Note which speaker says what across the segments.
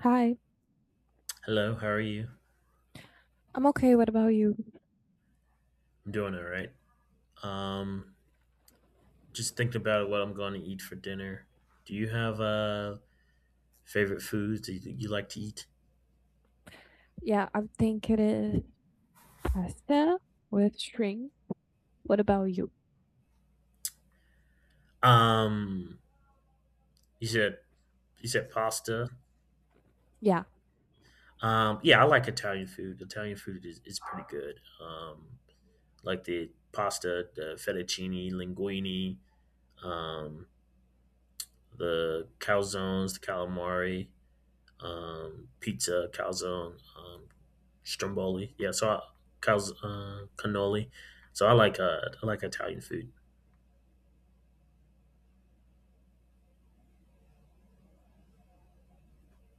Speaker 1: Hi,
Speaker 2: Hello, how are you?
Speaker 1: I'm okay. What about you?
Speaker 2: I'm doing all right. Um, just thinking about what I'm going to eat for dinner. Do you have favorite foods that you like to eat?
Speaker 1: Yeah, I think it is pasta with string. What about you?
Speaker 2: Um, you said you said pasta.
Speaker 1: Yeah,
Speaker 2: Yeah, I like Italian food. Italian food is pretty good. Like the pasta, the fettuccine, linguine, um, the calzones, the calamari, pizza, calzone, stromboli. Yeah, so cannoli. So I like Italian food.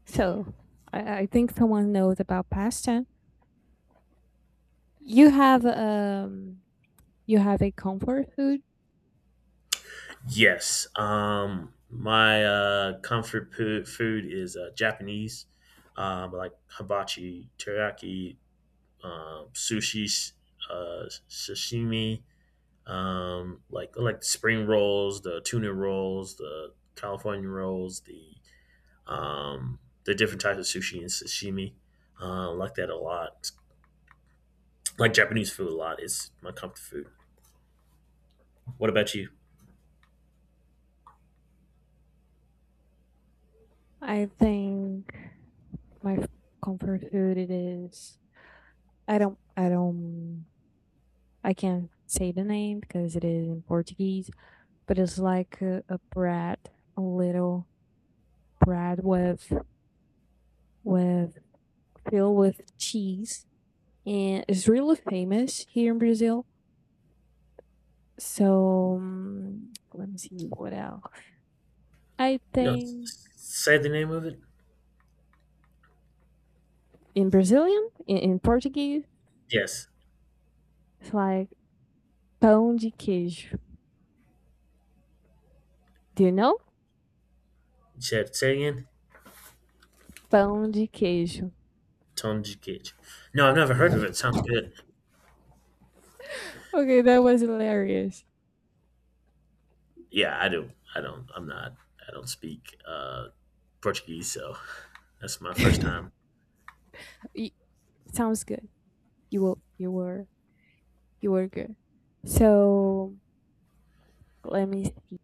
Speaker 1: so I think someone knows about pasta. You have um you have a comfort food.
Speaker 2: Yes, my comfort food is Japanese, like hibachi, teriyaki, sushi, sashimi, like spring rolls, the tuna rolls, the California rolls, um, the different types of sushi and sashimi. I like that a lot. Like Japanese food a lot. It's my comfort food. What about you?
Speaker 1: I think my f- comfort food it is. I don't I don't I can't say the name because it is in Portuguese, but it's like a bread, a little bread with filled with cheese and it's really famous here in Brazil. So let me see what else. I
Speaker 2: No,
Speaker 1: think
Speaker 2: say the name of it.
Speaker 1: in Brazilian, in Portuguese,
Speaker 2: Yes.
Speaker 1: it's like pão de queijo. Do you know
Speaker 2: Say, say again.
Speaker 1: pão de queijo?
Speaker 2: Tonjikich. No, I've never heard of it. Sounds good.
Speaker 1: Okay, that was hilarious.
Speaker 2: Yeah, I do. I don't. I'm not. I don't speak Portuguese, so that's my first time.
Speaker 1: It Sounds good. You were, you were, you were good. So let me see.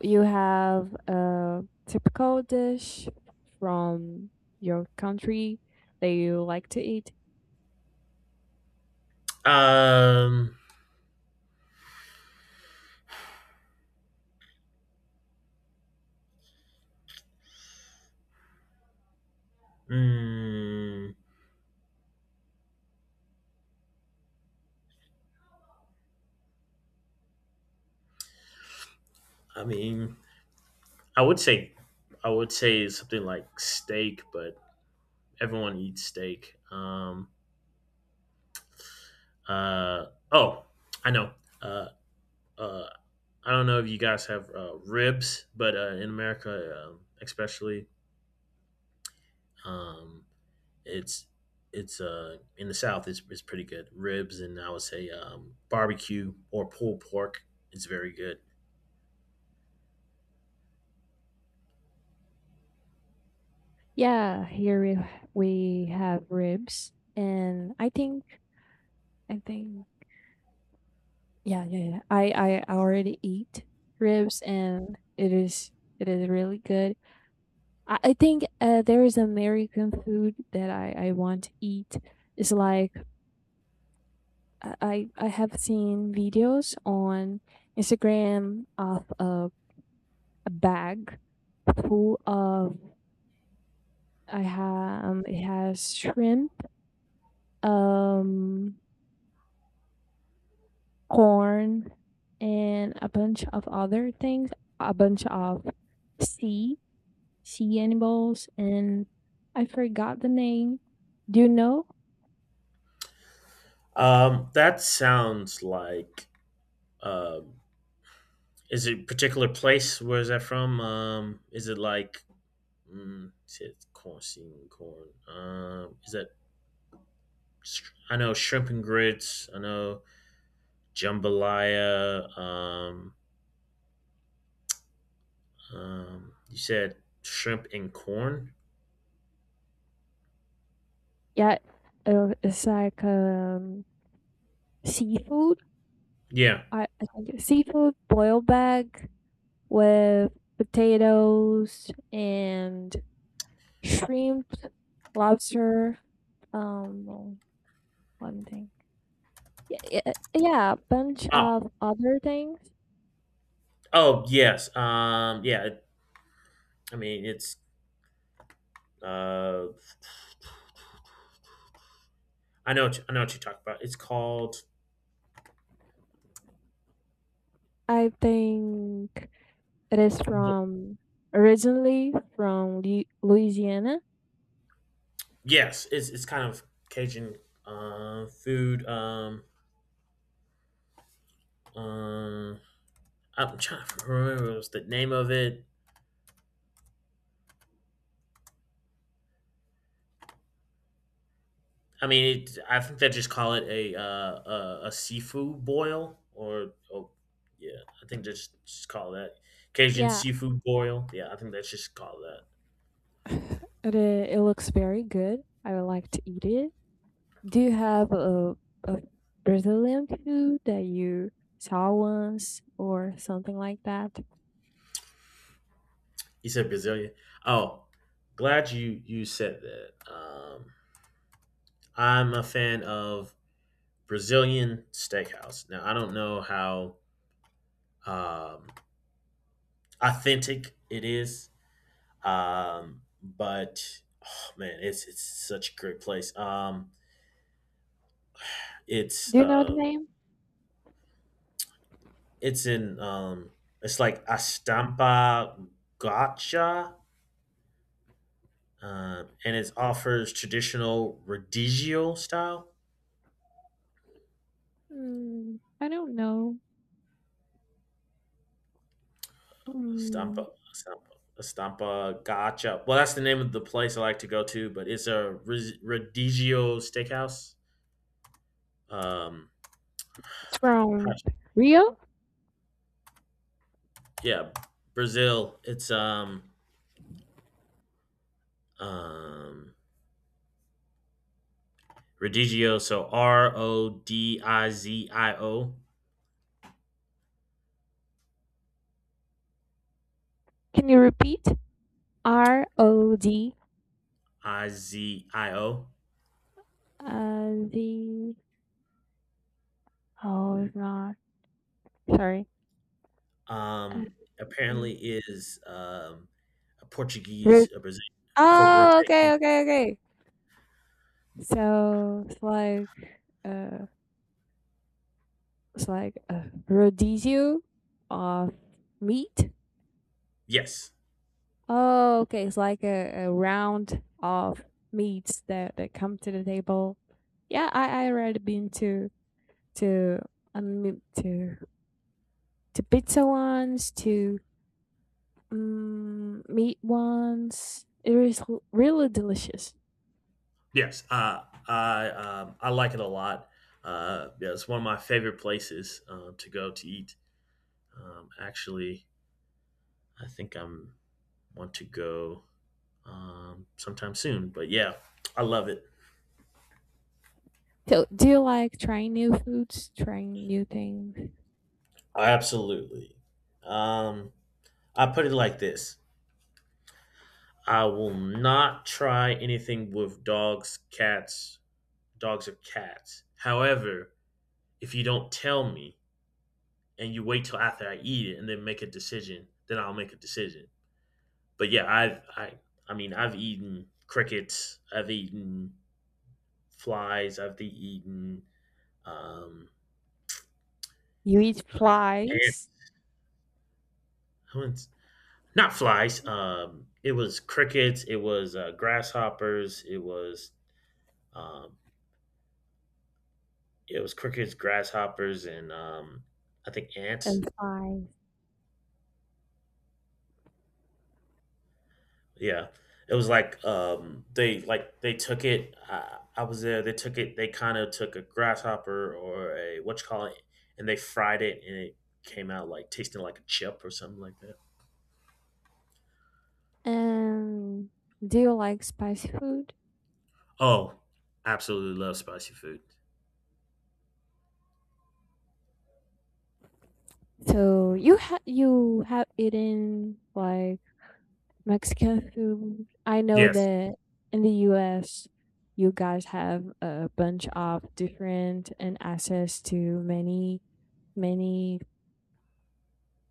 Speaker 1: You have a typical dish from your country that you like to eat.
Speaker 2: Um, mm, I mean, I would say, I would say something like steak, but everyone eats steak. Uh, oh, I know. Uh, uh, I don't know if you guys have ribs, but in America, especially, um, it's it's in the South. It's pretty good ribs, and I would say barbecue or pulled pork is very good.
Speaker 1: Yeah, here we have ribs, and I think yeah, yeah, yeah. I already eat ribs, and it is really good. I think there is American food that I want to eat. It's like I have seen videos on Instagram of a bag full of I have it has shrimp, um corn, and a bunch of other things, a bunch of sea sea animals, and I forgot the name. Do you know?
Speaker 2: That sounds like. Um, is it a particular place? Where is that from? Is it like it's corn, seaweed, corn. Is that? I know shrimp and grits. I know jambalaya. You said shrimp and corn.
Speaker 1: Yeah, it's like seafood.
Speaker 2: Yeah.
Speaker 1: I think it's seafood boiled bag with potatoes and shrimp, lobster. Um, One thing. Yeah, yeah, yeah, a bunch
Speaker 2: Oh,
Speaker 1: of other things.
Speaker 2: oh yes. I mean, it's. Uh, I know. I know what you're talking about. It's called.
Speaker 1: I think it is
Speaker 2: bo-
Speaker 1: from originally from Louisiana.
Speaker 2: Yes, it's kind of Cajun food. Um, I'm trying to remember what's the name of it. I mean, I think they just call it a a seafood boil, or oh, yeah, I think they just call that Cajun
Speaker 1: Yeah,
Speaker 2: seafood boil. Yeah, I think that's just called that.
Speaker 1: it it looks very good. I would like to eat it. Do you have a Brazilian food that you saw once or something like that?
Speaker 2: You said Brazilian. Oh, glad you said that. I'm a fan of Brazilian steakhouse. Now I don't know how um, authentic it is, but oh, man, it's such a great place. It's
Speaker 1: Do you know the
Speaker 2: uh
Speaker 1: name?
Speaker 2: It's in it's like Astampa Gotcha. And it offers traditional radicchio style.
Speaker 1: Mm, I don't know. Hmm.
Speaker 2: Astampa, Astampa, Astampa Gotcha. Well, that's the name of the place I like to go to, but it's a radicchio steakhouse. Um
Speaker 1: It's from
Speaker 2: gosh,
Speaker 1: Rio.
Speaker 2: yeah, Brazil. It's um radicchio, so R O D I Z I O
Speaker 1: Can you repeat? R O D.
Speaker 2: I Z I O
Speaker 1: The Oh, it's not. Sorry. Uh,
Speaker 2: apparently is
Speaker 1: Root.
Speaker 2: a Brazilian for
Speaker 1: Oh, okay,
Speaker 2: rotation.
Speaker 1: okay, okay. So uh, it's like a rodizio of meat.
Speaker 2: Yes,
Speaker 1: Oh, okay. It's like a round of meats that come to the table. Yeah, I already been to to um to to pizza ones to meat ones. It is really delicious.
Speaker 2: yes, I like it a lot. Yeah, it's one of my favorite places to go to eat. Actually, I think I'm want to go sometime soon. But yeah, I love it.
Speaker 1: So, do you like trying new foods, trying new things?
Speaker 2: I absolutely. Um, I put it like this: I will not try anything with dogs, cats, dogs or cats. However, if you don't tell me and you wait till after I eat it and then make a decision, then I'll make a decision. But yeah, I mean I've eaten crickets, I've eaten flies, I've eaten um
Speaker 1: You eat
Speaker 2: uh,
Speaker 1: flies
Speaker 2: ants. not Not flies. It was crickets. It was grasshoppers. Um, it was crickets, grasshoppers, and I think ants.
Speaker 1: and flies.
Speaker 2: Yeah. It was like they like they took it I was there, they took it they kind of took a grasshopper or a what you call it and they fried it and it came out like tasting like a chip or something like that.
Speaker 1: And do you like spicy food?
Speaker 2: Oh, absolutely love spicy food.
Speaker 1: So you have eaten like Mexican food. I know
Speaker 2: Yes.
Speaker 1: that in the U.S. you guys have a bunch of different and access to many many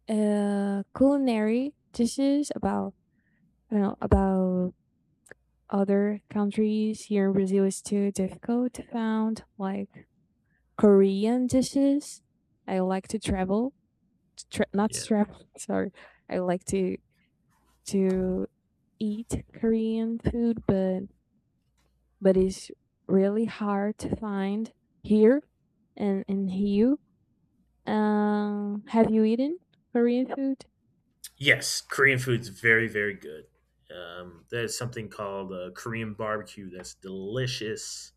Speaker 1: culinary dishes about. I don't know about other countries. Here in Brazil it's too difficult to find like Korean dishes. I like to travel, not
Speaker 2: Yeah.
Speaker 1: travel. Sorry, I like to to eat Korean food, but it's really hard to find here and in EU. Have you eaten Korean food?
Speaker 2: Yes, Korean food's very good. There's something called Korean barbecue that's delicious.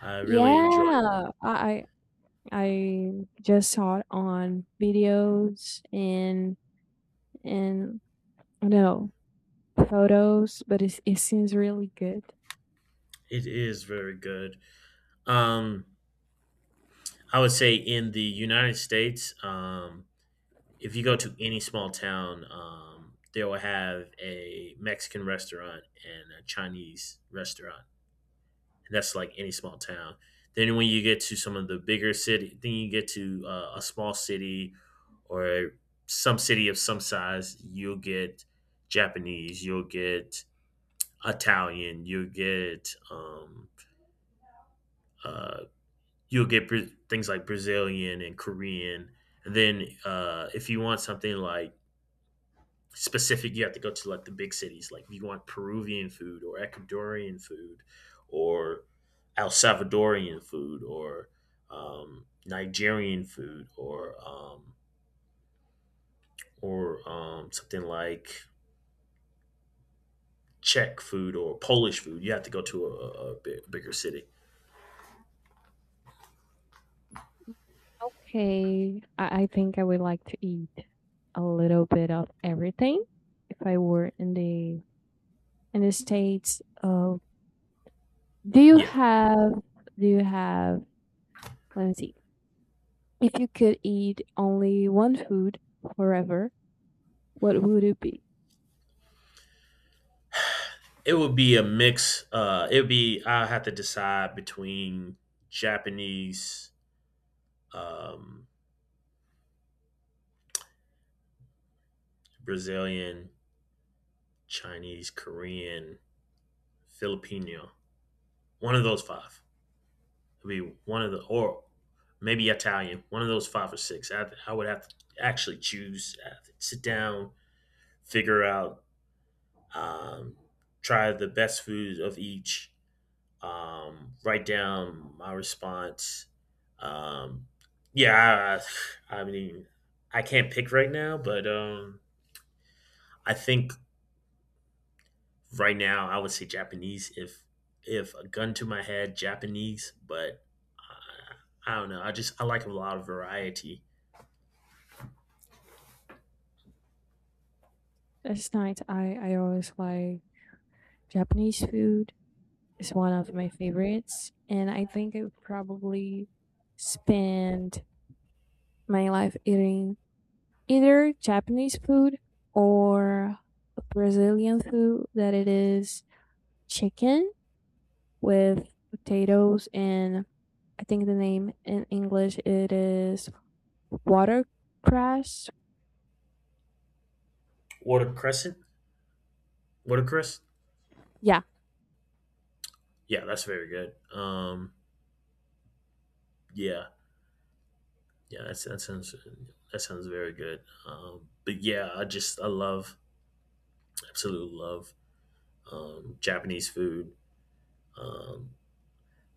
Speaker 2: I really enjoy it.
Speaker 1: Yeah, I just saw it on videos, and I don't know, photos, but it seems really good.
Speaker 2: It is very good. Um I would say in the United States, if you go to any small town, they will have a Mexican restaurant and a Chinese restaurant. And that's like any small town. Then when you get to some of the bigger city, then you get to a small city or some city of some size, you'll get Japanese, you'll get Italian, uh, you'll get things like Brazilian and Korean. And then if you want something like specific you have to go to like the big cities like if you want peruvian food or ecuadorian food or el salvadorian food or nigerian food or something like czech food or polish food you have to go to a bigger city.
Speaker 1: Okay, I think I would like to eat a little bit of everything if I were in the States. Do you
Speaker 2: Yeah,
Speaker 1: have do you have Let me see. If you could eat only one food forever, what would it be?
Speaker 2: it would be a mix it would be I have to decide between japanese, um, brazilian, chinese, korean, filipino. One of those 5. It'd be one of the or maybe Italian. One of those five or six. I would have to actually choose. To sit down, figure out, um, try the best food of each. Write down my response. Um, yeah, I mean, I can't pick right now, but I think right now I would say Japanese if a gun to my head Japanese, but uh, I don't know. I just I like a lot of variety.
Speaker 1: Last night I always like Japanese food. It's one of my favorites and I think I would probably spend my life eating either Japanese food or Brazilian food that it is chicken with potatoes and I think the name in English it is watercress.
Speaker 2: Water crescent, water cress.
Speaker 1: Yeah,
Speaker 2: Yeah, that's very good. Yeah, yeah, that sounds very good. But yeah, I just I love absolutely love Japanese food. Um,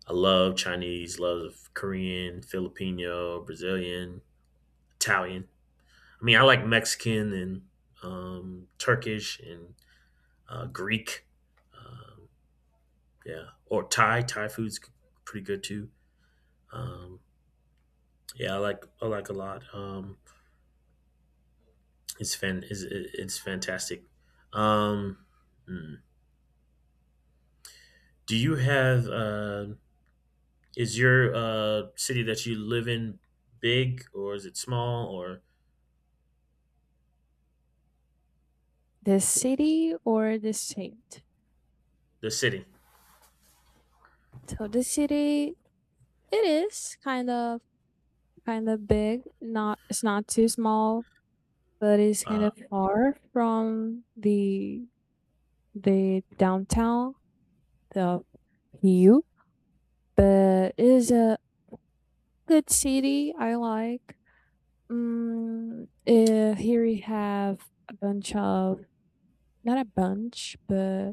Speaker 2: I love Chinese, love Korean, Filipino, Brazilian, Italian. I mean, I like Mexican and Turkish and Greek. Um, yeah, or Thai. Thai food's pretty good too. Um, yeah, I like a lot. It's fantastic. Um, hmm. Do you have is your city that you live in big or is it small or
Speaker 1: the city or the state.
Speaker 2: the city?
Speaker 1: So the city it is kind of big. Not it's not too small, but it's kind
Speaker 2: Uh,
Speaker 1: of far from the downtown the Rio, but it is a good city. I like. Here we have a bunch of, not a bunch, but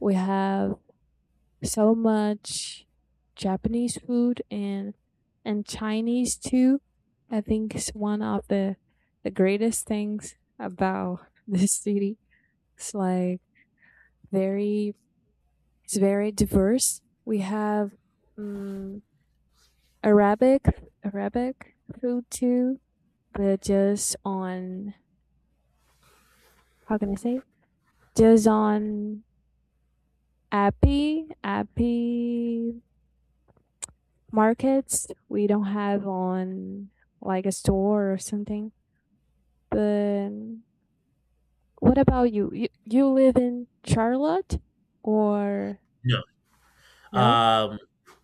Speaker 1: we have so much Japanese food and Chinese too. I think it's one of the greatest things about this city. It's like very it's very diverse. We have. Um, Arabic Arabic food too, but just on, how can I say? Just on Appy markets. We don't have on like a store or something. But what about you? You live in Charlotte or
Speaker 2: no.
Speaker 1: no?
Speaker 2: Um,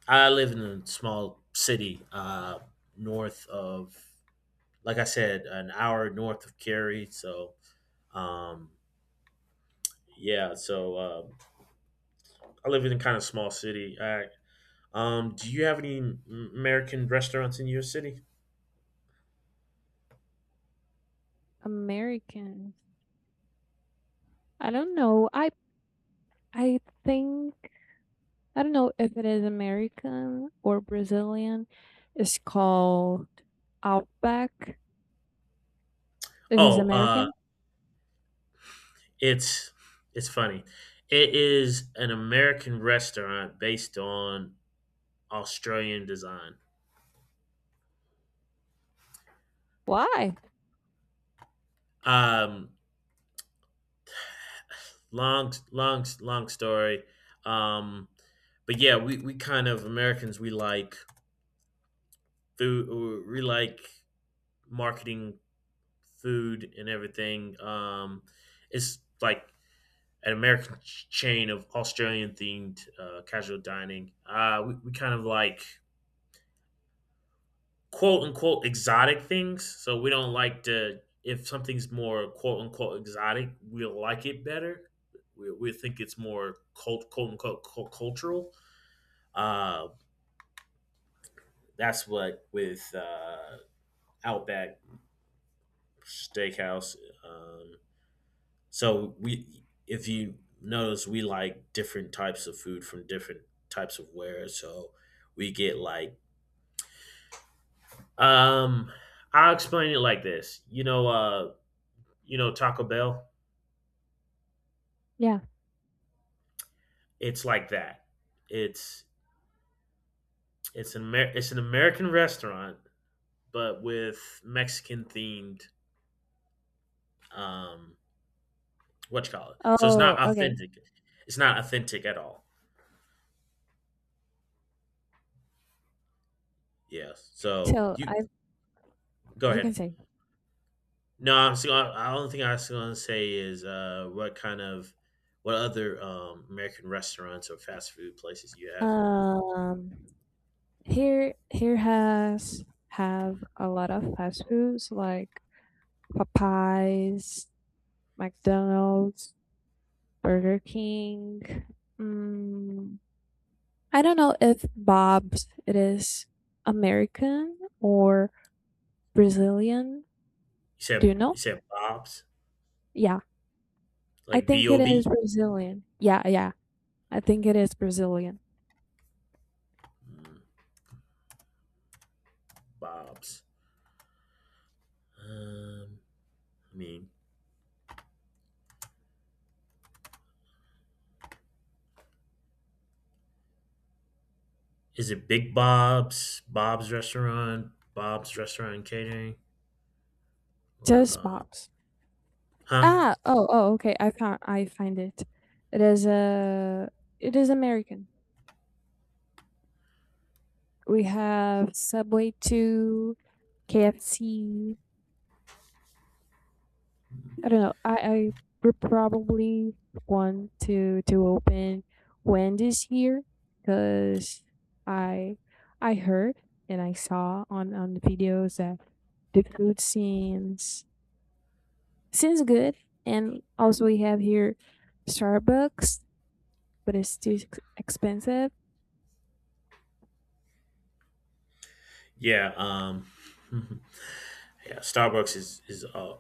Speaker 2: I live in a small city north of like I said, an hour north of Cary. So, um, yeah. So I live in a kind of small city. All right. Do you have any American restaurants in your city?
Speaker 1: American. I don't know. I think I don't know if it is American or Brazilian. It's called Outback. It is
Speaker 2: Oh,
Speaker 1: American.
Speaker 2: it's it's funny. It is an American restaurant based on Australian design.
Speaker 1: Why?
Speaker 2: Um, Long, long, long story. Um, but yeah, we kind of Americans we like food. We like marketing food and everything. It's like an American chain of Australian themed casual dining. We kind of like quote unquote exotic things. So we don't like to, if something's more quote unquote exotic, we'll like it better. We think it's more quote unquote cultural. Uh, that's what with Outback Steakhouse. Um, So we, if you notice, we like different types of food from different types of where. So we get like, um, I'll explain it like this. You know Taco Bell.
Speaker 1: Yeah.
Speaker 2: It's like that. It's it's it's an American restaurant, but with Mexican themed. Um, what you call it? So it's not
Speaker 1: Oh, okay.
Speaker 2: authentic. It's not authentic at all. Yeah. So
Speaker 1: So
Speaker 2: you
Speaker 1: I
Speaker 2: go
Speaker 1: you
Speaker 2: ahead.
Speaker 1: can say
Speaker 2: No, I am gonna I only thing I was gonna say is, what kind of what other, American restaurants or fast food places you have?
Speaker 1: um here has have a lot of fast foods like Popeyes, McDonald's, Burger King. Mm, I don't know if Bob's it is American or Brazilian. Do you
Speaker 2: You
Speaker 1: know?
Speaker 2: said Bob's?
Speaker 1: Yeah, I
Speaker 2: Like
Speaker 1: think it is
Speaker 2: B-O-B?
Speaker 1: Brazilian. Yeah, yeah, I think it is Brazilian.
Speaker 2: Mm, Bob's. Um, I mean, is it Big Bob's, Bob's Restaurant, Bob's Restaurant and Catering, or,
Speaker 1: Just
Speaker 2: um
Speaker 1: pops.
Speaker 2: Huh?
Speaker 1: Ah, oh, oh, okay. I found, I find it. It is a, it is American. We have Subway two, KFC. I don't know. I would probably want to open Wendy's here because I I heard and I saw on the videos that the food scenes seems good. And also we have here Starbucks, but it's too expensive.
Speaker 2: Yeah, yeah, Starbucks is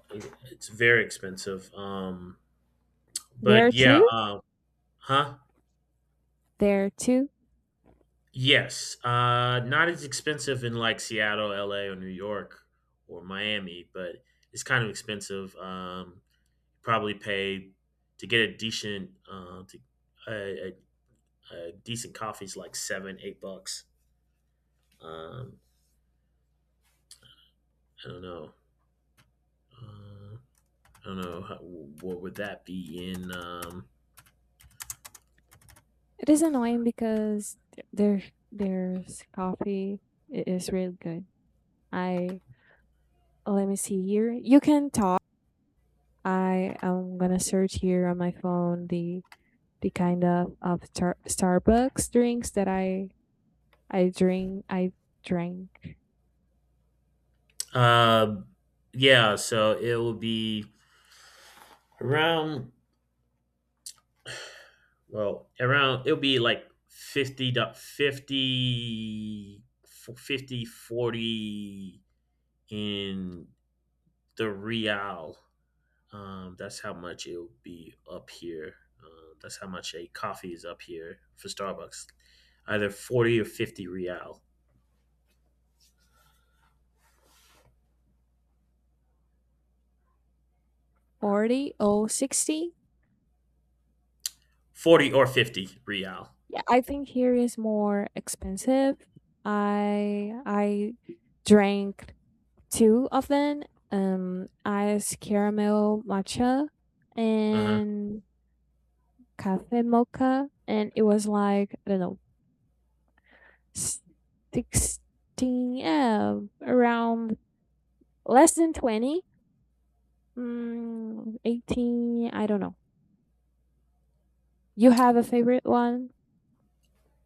Speaker 2: it's very expensive, but
Speaker 1: There
Speaker 2: yeah,
Speaker 1: too,
Speaker 2: Huh?
Speaker 1: there too.
Speaker 2: Yes, not as expensive in like Seattle, LA, or New York or Miami, but it's kind of expensive. Probably pay to get a decent a, a, a decent coffee is like seven, $8. Um, I don't know. Uh, I don't know how, what would that be in.
Speaker 1: It is annoying because th- their there's coffee is really good. I let me see here. You can talk. I am gonna search here on my phone the kind of Starbucks drinks that I drink I drank
Speaker 2: Uh, yeah, so it will be around well around it'll be like 50 do- 50 f- 50 40 in the real that's how much it'll be up here that's how much a coffee is up here for starbucks either 40 or 50 real.
Speaker 1: 40 or 60.
Speaker 2: 40 or 50 real.
Speaker 1: Yeah, I think here is more expensive. I drank two of them, iced caramel matcha
Speaker 2: Uh-huh.
Speaker 1: and cafe mocha, and it was like, I don't know, 16, yeah, around less than 20, 18, I don't know. You have a favorite one?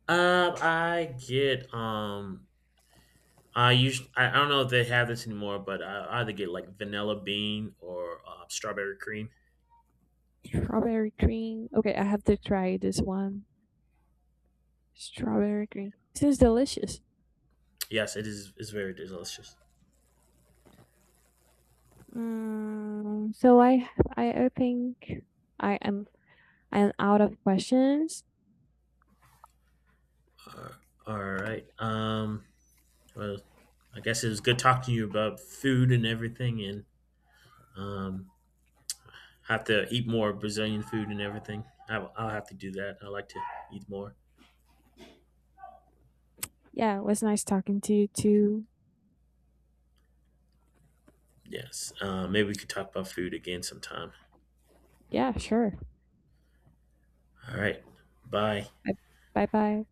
Speaker 2: I get I usually I don't know if they have this anymore, but I either get like vanilla bean or strawberry cream.
Speaker 1: Strawberry cream. Okay, I have to try this one. Strawberry cream. This is delicious.
Speaker 2: Yes, it is. It's very delicious.
Speaker 1: So I think I am I'm out of questions.
Speaker 2: Uh, all right. Well, I guess it was good talking to you about food and everything, and um, have to eat more Brazilian food and everything. I'll have to do that. I like to eat more.
Speaker 1: Yeah, it was nice talking to you too.
Speaker 2: Yes. Maybe we could talk about food again sometime.
Speaker 1: Yeah, sure.
Speaker 2: All right. Bye.
Speaker 1: Bye bye.